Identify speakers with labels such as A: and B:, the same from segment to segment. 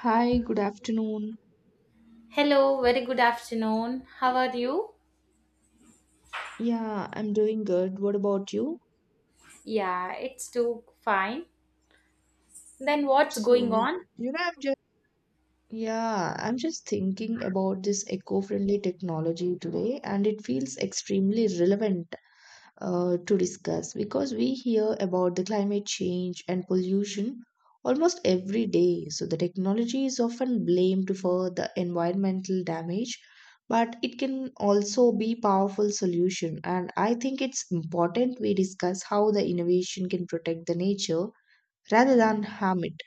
A: Hi, good afternoon.
B: Hello, very good afternoon. How are you?
A: Yeah, I'm doing good. What about you?
B: Yeah, it's too fine. Then what's going
A: So,
B: on?
A: you know, I'm just yeah, I'm just thinking about this eco-friendly technology today, and it feels extremely relevant to discuss because we hear about the climate change and pollution almost every day. So, the technology is often blamed for the environmental damage, but it can also be powerful solution. And I think it's important we discuss how the innovation can protect the nature rather than harm it.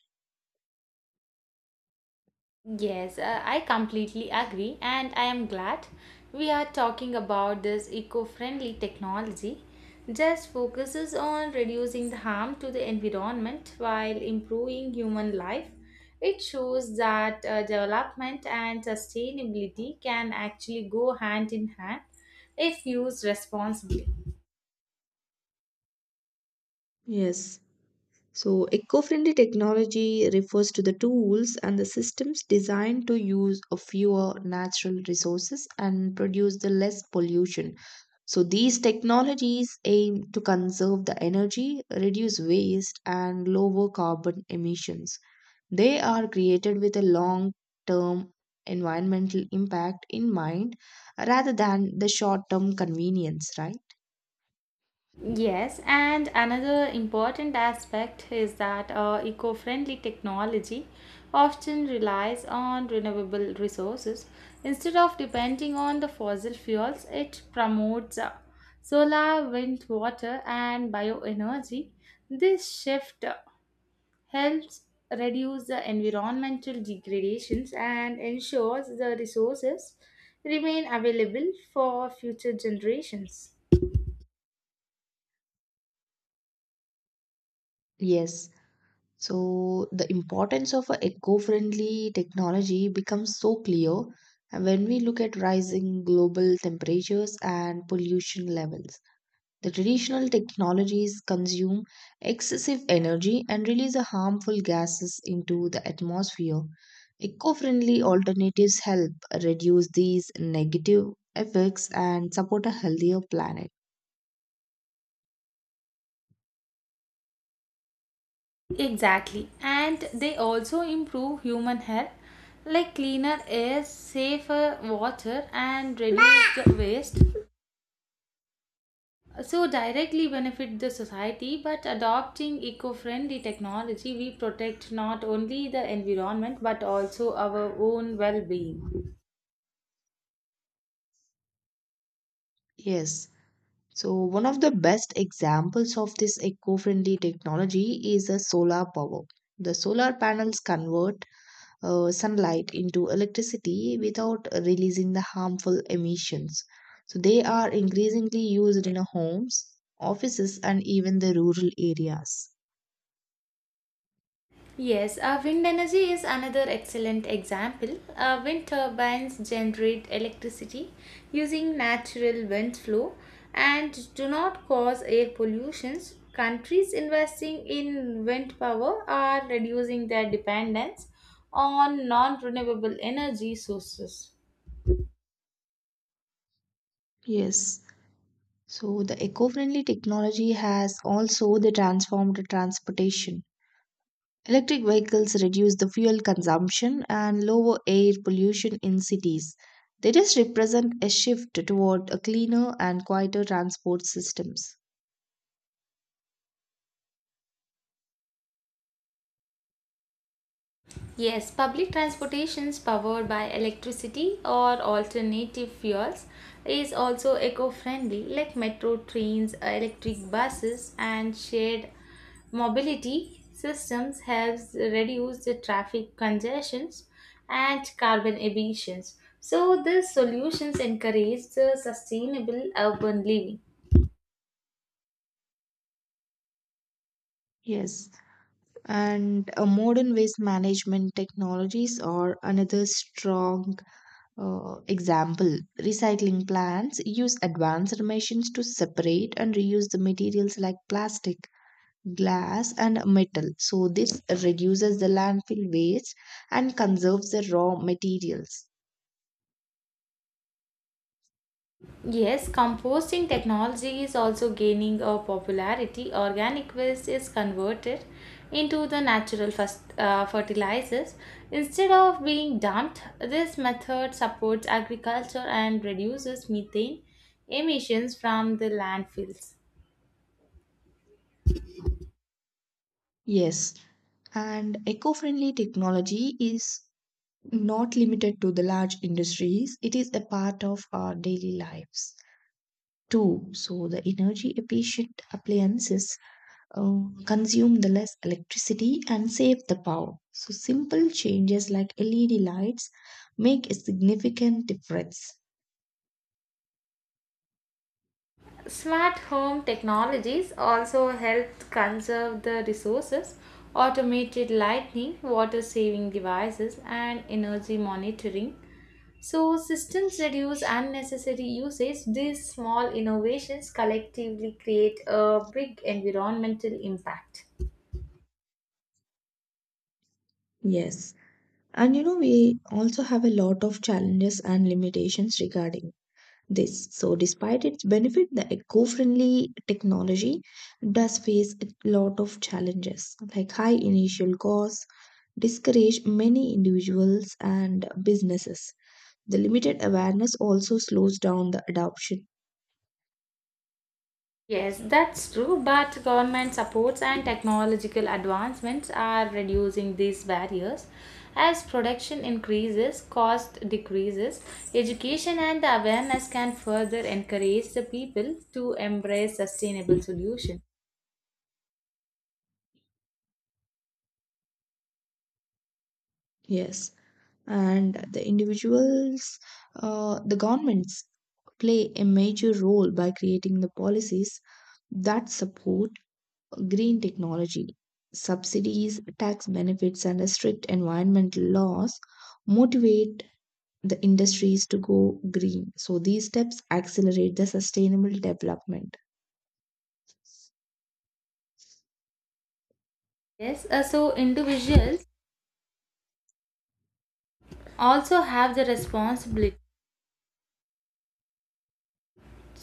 B: Yes, I completely agree, and I am glad we are talking about this eco friendly technology. Just focuses on reducing the harm to the environment while improving human life. It shows that development and sustainability can actually go hand in hand if used responsibly.
A: Yes. So, eco friendly technology refers to the tools and the systems designed to use a fewer natural resources and produce the less pollution. So, these technologies aim to conserve the energy, reduce waste, and lower carbon emissions. They are created with a long term environmental impact in mind rather than the short term convenience, right?
B: Yes, and another important aspect is that eco friendly technology often relies on renewable resources. Instead of depending on the fossil fuels, it promotes solar, wind, water, and bioenergy. This shift helps reduce the environmental degradations and ensures the resources remain available for future generations.
A: Yes. So the importance of a eco-friendly technology becomes so clear when we look at rising global temperatures and pollution levels. The traditional technologies consume excessive energy and release the harmful gases into the atmosphere. Eco-friendly alternatives help reduce these negative effects and support a healthier planet.
B: Exactly. And they also improve human health, like cleaner air, safer water, and reduce the waste. So, directly benefit the society, but adopting eco friendly technology, we protect not only the environment but also our own well being.
A: Yes. So, one of the best examples of this eco friendly technology is the solar power. The solar panels convert sunlight into electricity without releasing the harmful emissions. So, they are increasingly used in homes, offices, and even the rural areas.
B: Yes, wind energy is another excellent example. Wind turbines generate electricity using natural wind flow and do not cause air pollution. Countries investing in wind power are reducing their dependence on non renewable energy sources.
A: Yes. So, the eco friendly technology has also the transformed transportation. Electric vehicles reduce the fuel consumption and lower air pollution in cities. They just represent a shift toward a cleaner and quieter transport systems.
B: Yes, public transportations powered by electricity or alternative fuels is also eco-friendly, like metro trains, electric buses, and shared mobility systems helps reduce the traffic congestions and carbon emissions. So these solutions encourage the sustainable urban living.
A: Yes, and modern waste management technologies are another strong example. Recycling plants use advanced machines to separate and reuse the materials like plastic, glass, and metal. So this reduces the landfill waste and conserves the raw materials.
B: Yes, composting technology is also gaining a popularity. Organic waste is converted into the natural fertilizers. Instead of being dumped, this method supports agriculture and reduces methane emissions from the landfills.
A: Yes, and eco-friendly technology is not limited to the large industries. It is a part of our daily lives too. So the energy efficient appliances uh, consume the less electricity and save the power. So simple changes like led lights make a significant difference.
B: Smart home technologies also help conserve the resources. Automated lighting, water saving devices, and energy monitoring. So, systems reduce unnecessary usage. These small innovations collectively create a big environmental impact.
A: Yes. And you know, we also have a lot of challenges and limitations regarding this. So, despite its benefit, the eco friendly technology does face a lot of challenges like high initial costs, discourage many individuals and businesses. The limited awareness also slows down the adoption.
B: Yes, that's true, but government supports and technological advancements are reducing these barriers. As production increases, cost decreases, education and the awareness can further encourage the people to embrace sustainable solutions.
A: Yes. And the individuals, the governments play a major role by creating the policies that support green technology, subsidies, tax benefits, and strict environmental laws motivate the industries to go green. So these steps accelerate the sustainable development.
B: Yes, so individuals also have the responsibility.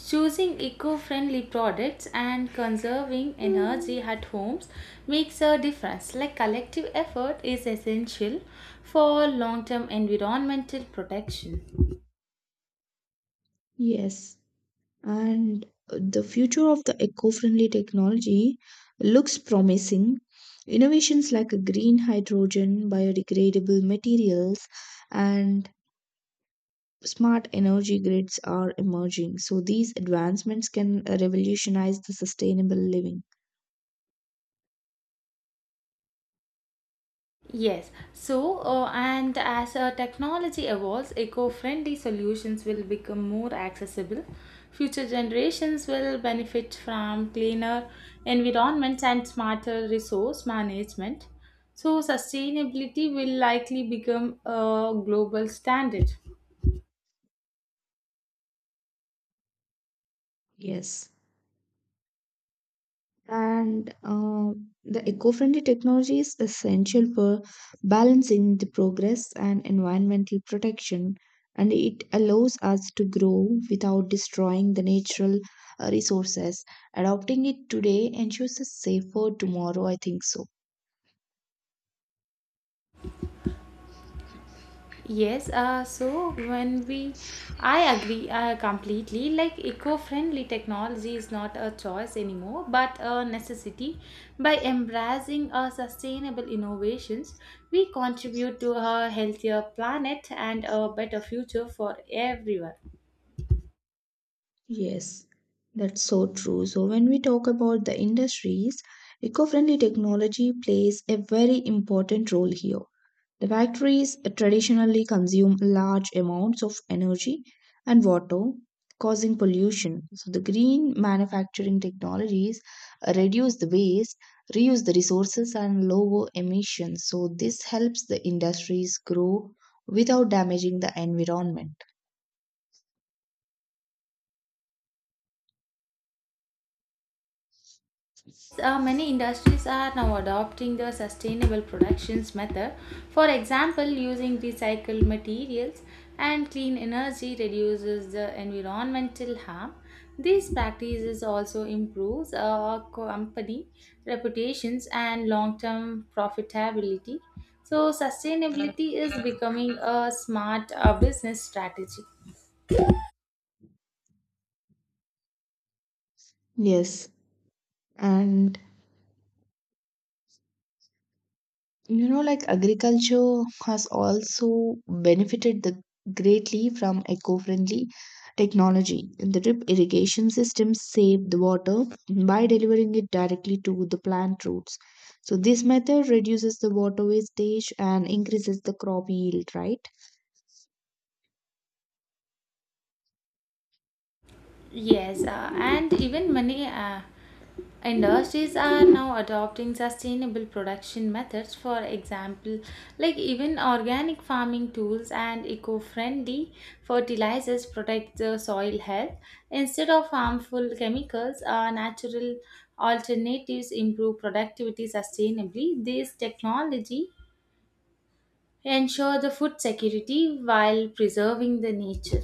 B: Choosing eco-friendly products and conserving energy at homes makes a difference. Like collective effort is essential for long-term environmental protection.
A: Yes, and the future of the eco friendly technology looks promising. Innovations like green hydrogen, biodegradable materials, and smart energy grids are emerging, so these advancements can revolutionize the sustainable living.
B: Yes, so and as technology evolves, eco friendly solutions will become more accessible. Future generations will benefit from cleaner environments and smarter resource management. So, sustainability will likely become a global standard.
A: Yes. And The eco friendly technology is essential for balancing the progress and environmental protection, and it allows us to grow without destroying the natural resources. Adopting it today ensures a safer tomorrow, I think so.
B: Yes, so when we, I agree completely. Like eco-friendly technology is not a choice anymore, but a necessity. By embracing sustainable innovations, we contribute to a healthier planet and a better future for everyone.
A: Yes, that's so true. So, when we talk about the industries, eco friendly technology plays a very important role here. The factories traditionally consume large amounts of energy and water, causing pollution. So, the green manufacturing technologies reduce the waste, reuse the resources, and lower emissions. So, this helps the industries grow without damaging the environment.
B: Many industries are now adopting the sustainable productions method, for example, using recycled materials and clean energy reduces the environmental harm. These practices also improves a company reputations and long-term profitability. So sustainability is becoming a smart business strategy.
A: Yes, and you know, like agriculture has also benefited the greatly from eco-friendly technology. The drip irrigation systems save the water by delivering it directly to the plant roots. So this method reduces the water wastage and increases the crop yield, right?
B: Yes, and even many industries are now adopting sustainable production methods, for example, like even organic farming tools and eco friendly fertilizers protect the soil health. Instead of harmful chemicals, natural alternatives improve productivity sustainably. This technology ensure the food security while preserving the nature.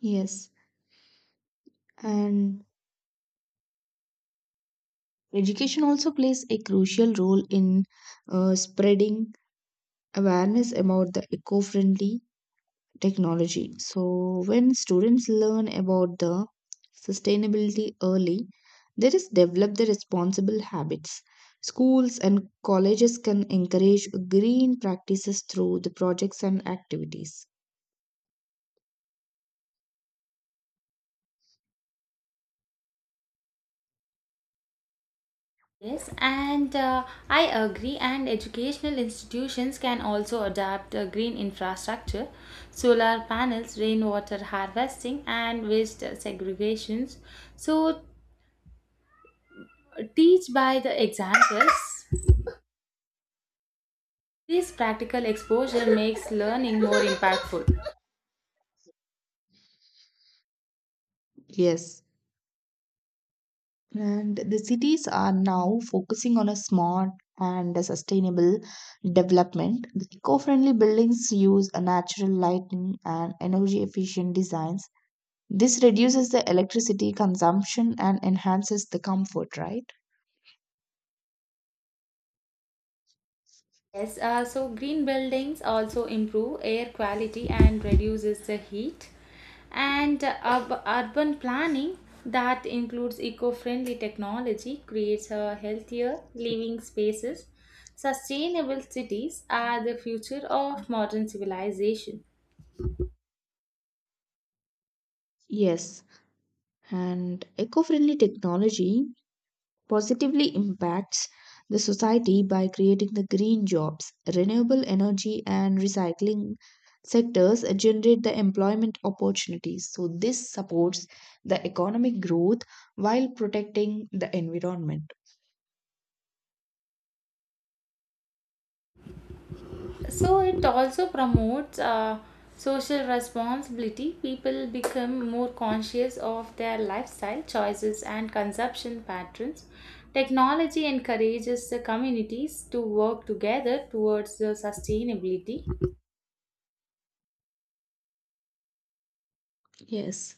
A: Yes, and education also plays a crucial role in spreading awareness about the eco friendly technology. So, when students learn about the sustainability early, there is develop the responsible habits. Schools and colleges can encourage green practices through the projects and activities.
B: Yes, and I agree, and educational institutions can also adapt green infrastructure, solar panels, rainwater harvesting, and waste segregations. So, teach by the examples. This practical exposure makes learning more impactful.
A: Yes. And the cities are now focusing on a smart and a sustainable development. The eco friendly buildings use a natural lighting and energy efficient designs. This reduces the electricity consumption and enhances the comfort, right?
B: Yes, so green buildings also improve air quality and reduces the heat. And urban planning that includes eco-friendly technology creates a healthier living spaces. Sustainable cities are the future of modern civilization.
A: Yes. And eco friendly technology positively impacts the society by creating the green jobs, renewable energy, and recycling sectors generate the employment opportunities. So, this supports the economic growth while protecting the environment.
B: So it also promotes social responsibility. People become more conscious of their lifestyle choices and consumption patterns. Technology encourages the communities to work together towards the sustainability.
A: Yes.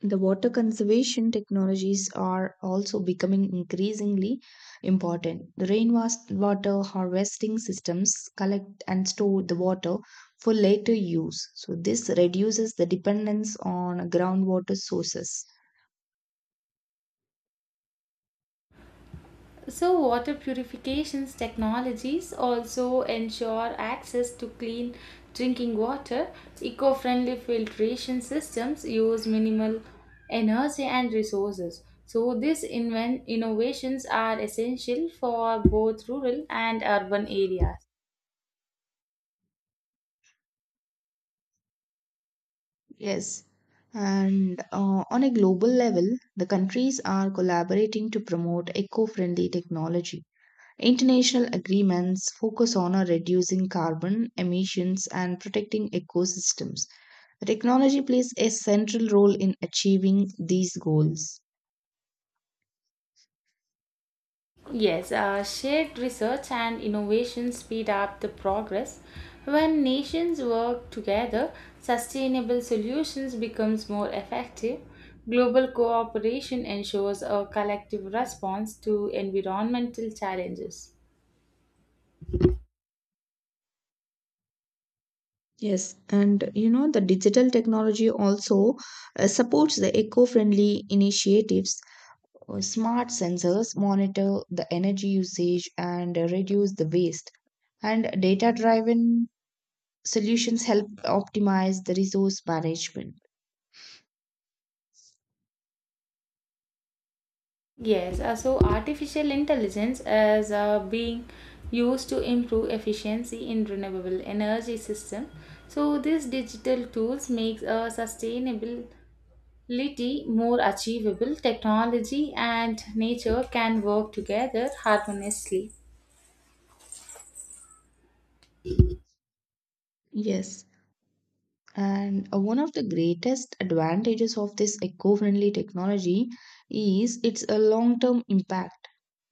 A: The water conservation technologies are also becoming increasingly important. The rainwater harvesting systems collect and store the water for later use. So, this reduces the dependence on groundwater sources.
B: So, water purifications technologies also ensure access to clean drinking water. Eco friendly filtration systems use minimal energy and resources. So, these innovations are essential for both rural and urban areas.
A: Yes. And On a global level, the countries are collaborating to promote eco friendly technology. International agreements focus on reducing carbon emissions and protecting ecosystems. Technology plays a central role in achieving these goals.
B: Yes, shared research and innovation speed up the progress. When nations work together, sustainable solutions becomes more effective. Global cooperation ensures a collective response to environmental challenges.
A: Yes, and you know, the digital technology also supports the eco friendly initiatives. Smart sensors monitor the energy usage and reduce the waste, and data driven solutions help optimize the resource management.
B: Yes, so artificial intelligence is being used to improve efficiency in renewable energy system. So these digital tools makes a sustainable little more achievable, technology and nature can work together harmoniously.
A: Yes, And one of the greatest advantages of this eco friendly technology is its a long term impact.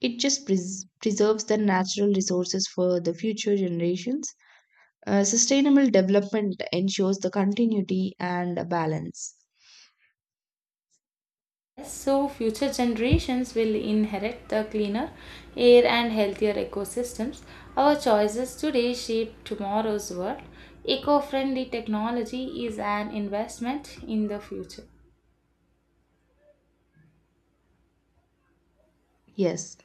A: It just preserves the natural resources for the future generations. Sustainable development ensures the continuity and a balance.
B: So, future generations will inherit the cleaner air and healthier ecosystems. Our choices today shape tomorrow's world. Eco friendly technology is an investment in the future.
A: Yes,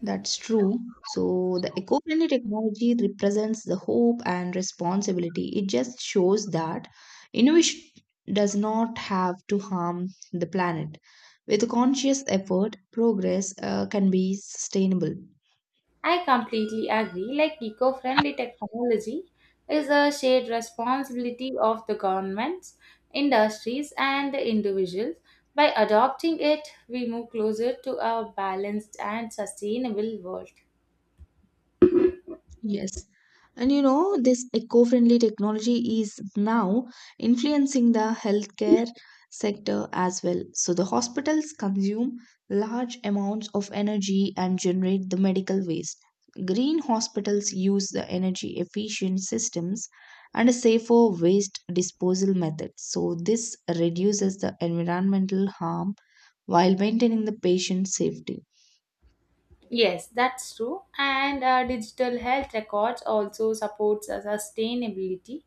A: that's true. So, the eco friendly technology represents the hope and responsibility. It just shows that innovation does not have to harm the planet. With conscious effort, progress can be sustainable.
B: I completely agree. Like eco friendly technology is a shared responsibility of the governments, industries, and individuals. By adopting it, we move closer to a balanced and sustainable world.
A: Yes. And you know, this eco friendly technology is now influencing the healthcare sector as well. So the hospitals consume large amounts of energy and generate the medical waste. Green hospitals use the energy efficient systems and a safer waste disposal method. So this reduces the environmental harm while maintaining the patient safety.
B: Yes, that's true. And digital health records also supports sustainability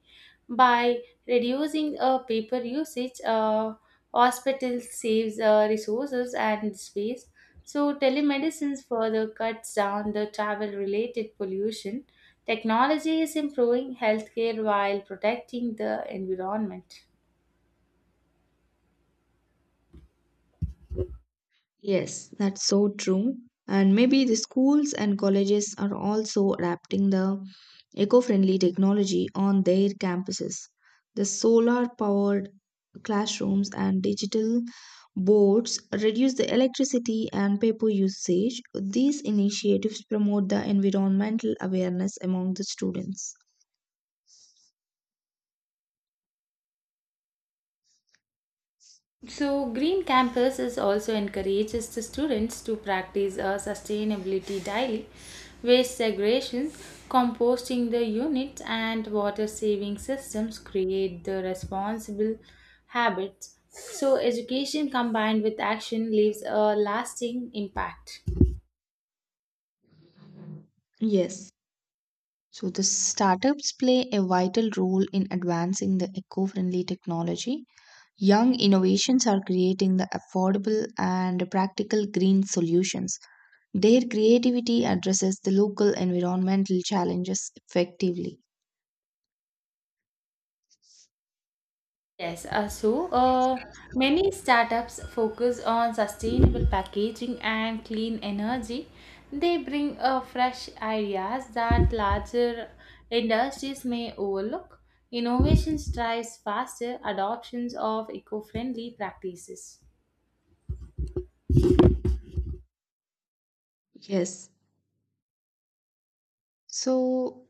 B: by reducing paper usage. Hospital saves resources and space. So telemedicine further cuts down the travel-related pollution. Technology is improving healthcare while protecting the environment.
A: Yes, that's so true. And maybe the schools and colleges are also adapting the eco friendly technology on their campuses. The solar powered classrooms and digital boards reduce the electricity and paper usage. These initiatives promote the environmental awareness among the students.
B: So, Green Campus is also encourages the students to practice a sustainability daily, waste segregation, composting the units, and water saving systems create the responsible habits. So, education combined with action leaves a lasting impact.
A: Yes. So the startups play a vital role in advancing the eco-friendly technology. Young innovations are creating the affordable and practical green solutions. Their creativity addresses the local environmental challenges effectively.
B: Yes, so many startups focus on sustainable packaging and clean energy. They bring fresh ideas that larger industries may overlook. Innovation drives faster adoptions of eco-friendly practices.
A: Yes. So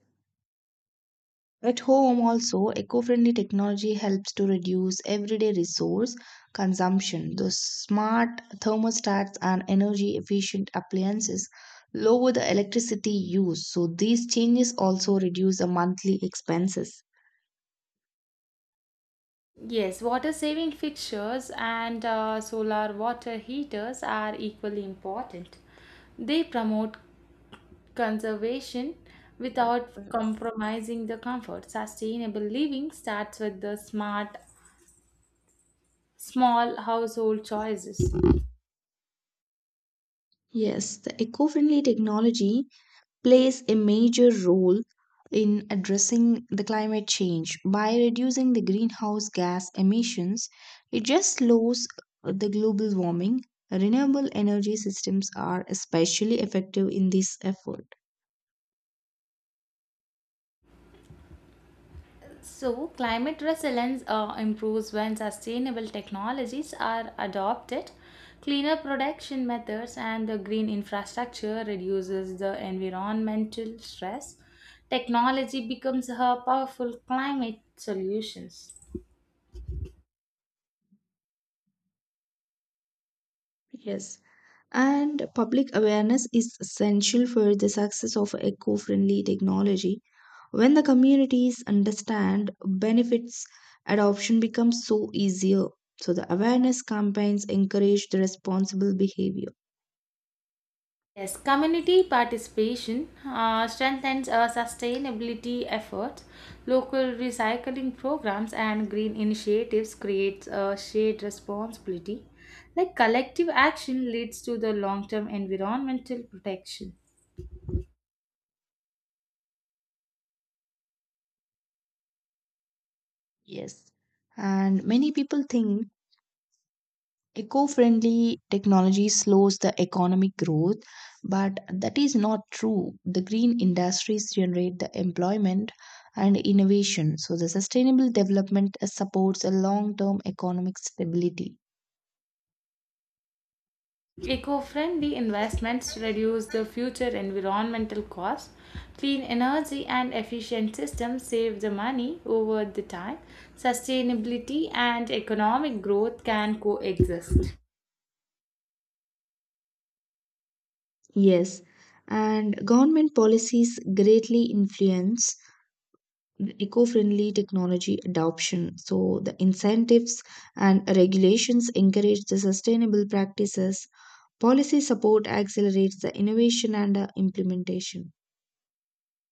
A: at home also eco-friendly technology helps to reduce everyday resource consumption. The smart thermostats and energy efficient appliances lower the electricity use. So these changes also reduce the monthly expenses.
B: Yes, water saving fixtures and solar water heaters are equally important. They promote conservation without compromising the comfort. Sustainable living starts with the smart, small household choices.
A: Yes, the eco-friendly technology plays a major role in addressing the climate change by reducing the greenhouse gas emissions. It just slows the global warming. Renewable energy systems are especially effective in this effort.
B: So, climate resilience improves when sustainable technologies are adopted. Cleaner production methods and the green infrastructure reduces the environmental stress. Technology becomes a powerful climate solutions.
A: Yes. And public awareness is essential for the success of eco friendly technology. When the communities understand benefits, adoption becomes so easier. So the awareness campaigns encourage the responsible behavior.
B: Yes, community participation strengthens sustainability efforts. Local recycling programs and green initiatives creates a shared responsibility. Like collective action leads to the long-term environmental protection.
A: Yes. And many people think eco friendly technology slows the economic growth, but that is not true. The green industries generate the employment and innovation, so the sustainable development supports a long term economic stability.
B: Eco-friendly investments reduce the future environmental costs. Clean energy and efficient systems save the money over the time. Sustainability and economic growth can coexist.
A: Yes, and government policies greatly influence the eco-friendly technology adoption. So the incentives and regulations encourage the sustainable practices. Policy support accelerates the innovation and implementation.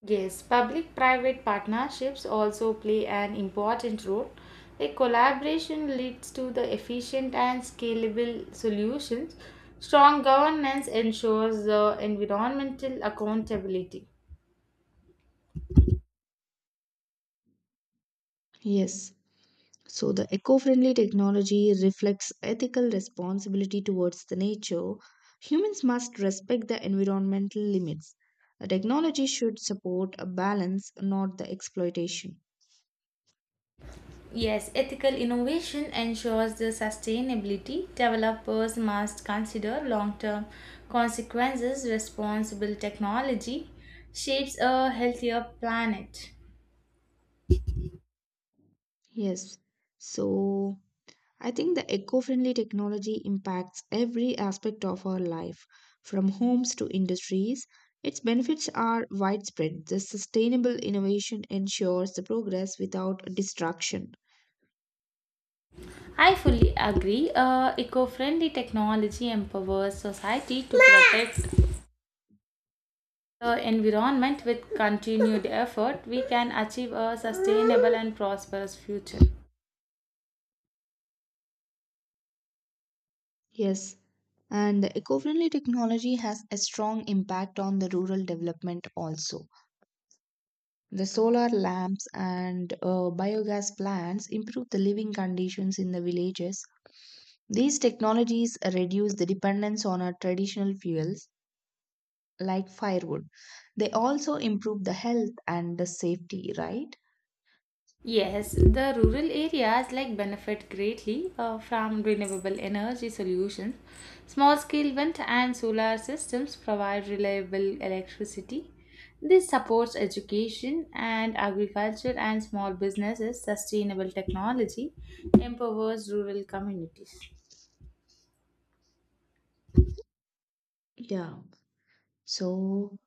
B: Yes, public private partnerships also play an important role. A collaboration leads to the efficient and scalable solutions. Strong governance ensures the environmental accountability.
A: Yes, so the eco friendly technology reflects ethical responsibility towards the nature. Humans must respect the environmental limits. The technology should support a balance, not the exploitation.
B: Yes, ethical innovation ensures the sustainability. Developers must consider long term consequences. Responsible technology shapes a healthier planet.
A: Yes, so I think the eco friendly technology impacts every aspect of our life, from homes to industries. Its benefits are widespread. The sustainable innovation ensures the progress without destruction.
B: I fully agree. Eco friendly technology empowers society to protect the environment with continued effort. We can achieve a sustainable and prosperous future.
A: Yes, and the eco friendly technology has a strong impact on the rural development also. The solar lamps and biogas plants improve the living conditions in the villages. These technologies reduce the dependence on our traditional fuels like firewood. They also improve the health and the safety, right?
B: Yes, the rural areas like benefit greatly from renewable energy solutions. Small scale wind and solar systems provide reliable electricity. This supports education and agriculture and small businesses. Sustainable technology empowers rural communities.
A: Yeah. So,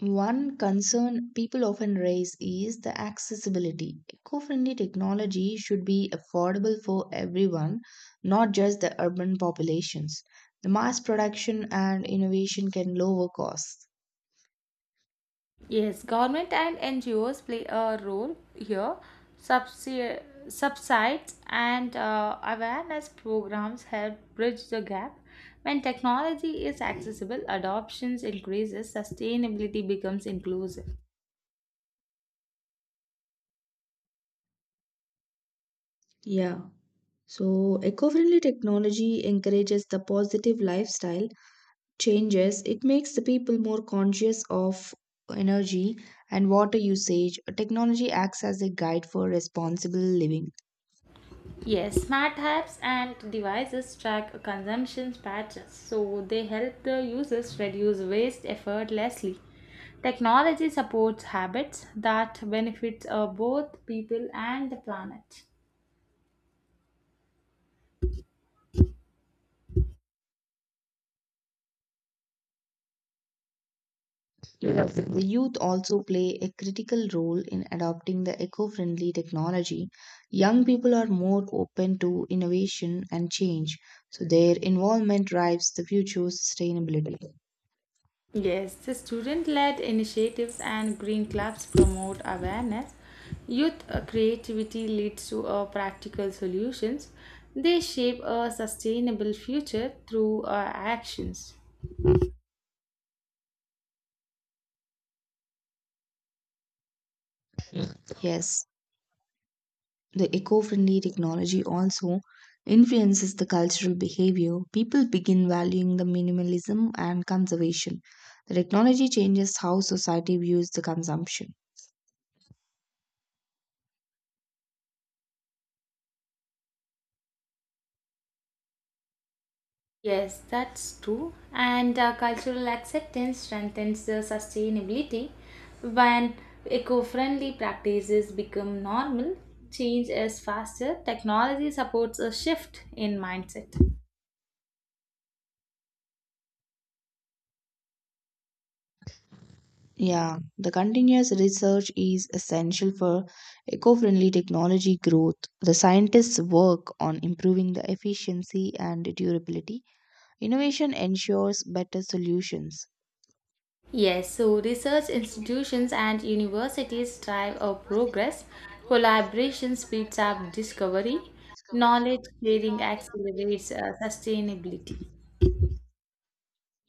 A: one concern people often raise is the accessibility. Eco friendly technology should be affordable for everyone, not just the urban populations. The mass production and innovation can lower costs.
B: Yes, government and NGOs play a role here. Subsi- Subsides and awareness programs help bridge the gap. When technology is accessible, adoptions increases, sustainability becomes inclusive.
A: Yeah. So, eco friendly technology encourages the positive lifestyle changes. It makes the people more conscious of energy and water usage. Technology acts as a guide for responsible living.
B: Yes, smart apps and devices track consumption patterns, so they help the users reduce waste effortlessly. Technology supports habits that benefits both people and the planet.
A: Yes. The youth also play a critical role in adopting the eco friendly technology. Young people are more open to innovation and change, so their involvement drives the future sustainability.
B: Yes, the student led initiatives and green clubs promote awareness. Youth creativity leads to practical solutions. They shape a sustainable future through actions.
A: Yes, the eco friendly technology also influences the cultural behavior. People begin valuing the minimalism and conservation. The technology changes how society views the consumption.
B: Yes, that's true. And cultural acceptance strengthens the sustainability. When eco friendly practices become normal, change is faster. Technology supports a shift in mindset.
A: Yeah, the continuous research is essential for eco friendly technology growth. The scientists work on improving the efficiency and durability. Innovation ensures better solutions.
B: Yes, so research institutions and universities drive our progress. Collaboration speeds up discovery. Knowledge sharing accelerates sustainability.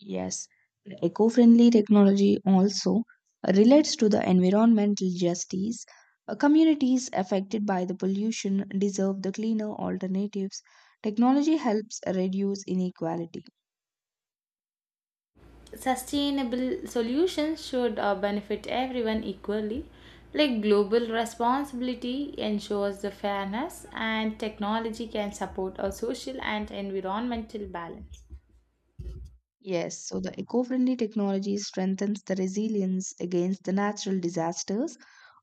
A: Yes, the eco-friendly technology also relates to the environmental justice. Communities affected by the pollution deserve the cleaner alternatives. Technology helps reduce inequality.
B: Sustainable solutions should benefit everyone equally. Like global responsibility ensures the fairness, and technology can support a social and environmental balance.
A: Yes, so the eco-friendly technology strengthens the resilience against the natural disasters,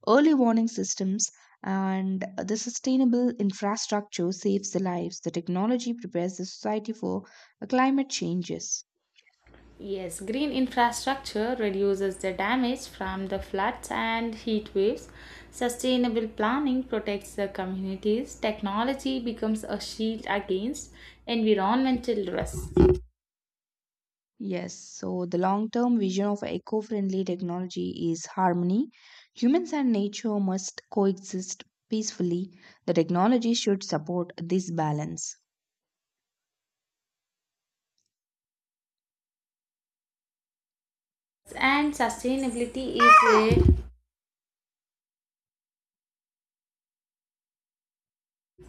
A: early warning systems, and the sustainable infrastructure saves the lives. The technology prepares the society for climate changes.
B: Yes, green infrastructure reduces the damage from the floods and heat waves. Sustainable planning protects the communities. Technology becomes a shield against environmental risks.
A: Yes, so the long term vision of eco friendly technology is harmony. Humans and nature must coexist peacefully. The technology should support this balance.
B: And sustainability is a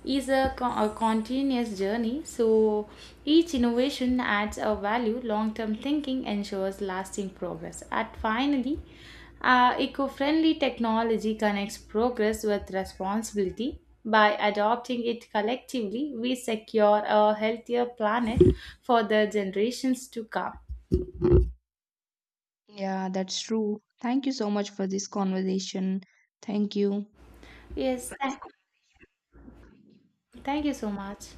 B: is a, co- a continuous journey. So each innovation adds a value. Long term thinking ensures lasting progress. At finally, eco friendly technology connects progress with responsibility. By adopting it collectively, we secure a healthier planet for the generations to come.
A: Yeah, that's true. Thank you so much for this conversation. Thank you.
B: Yes, thank you so much.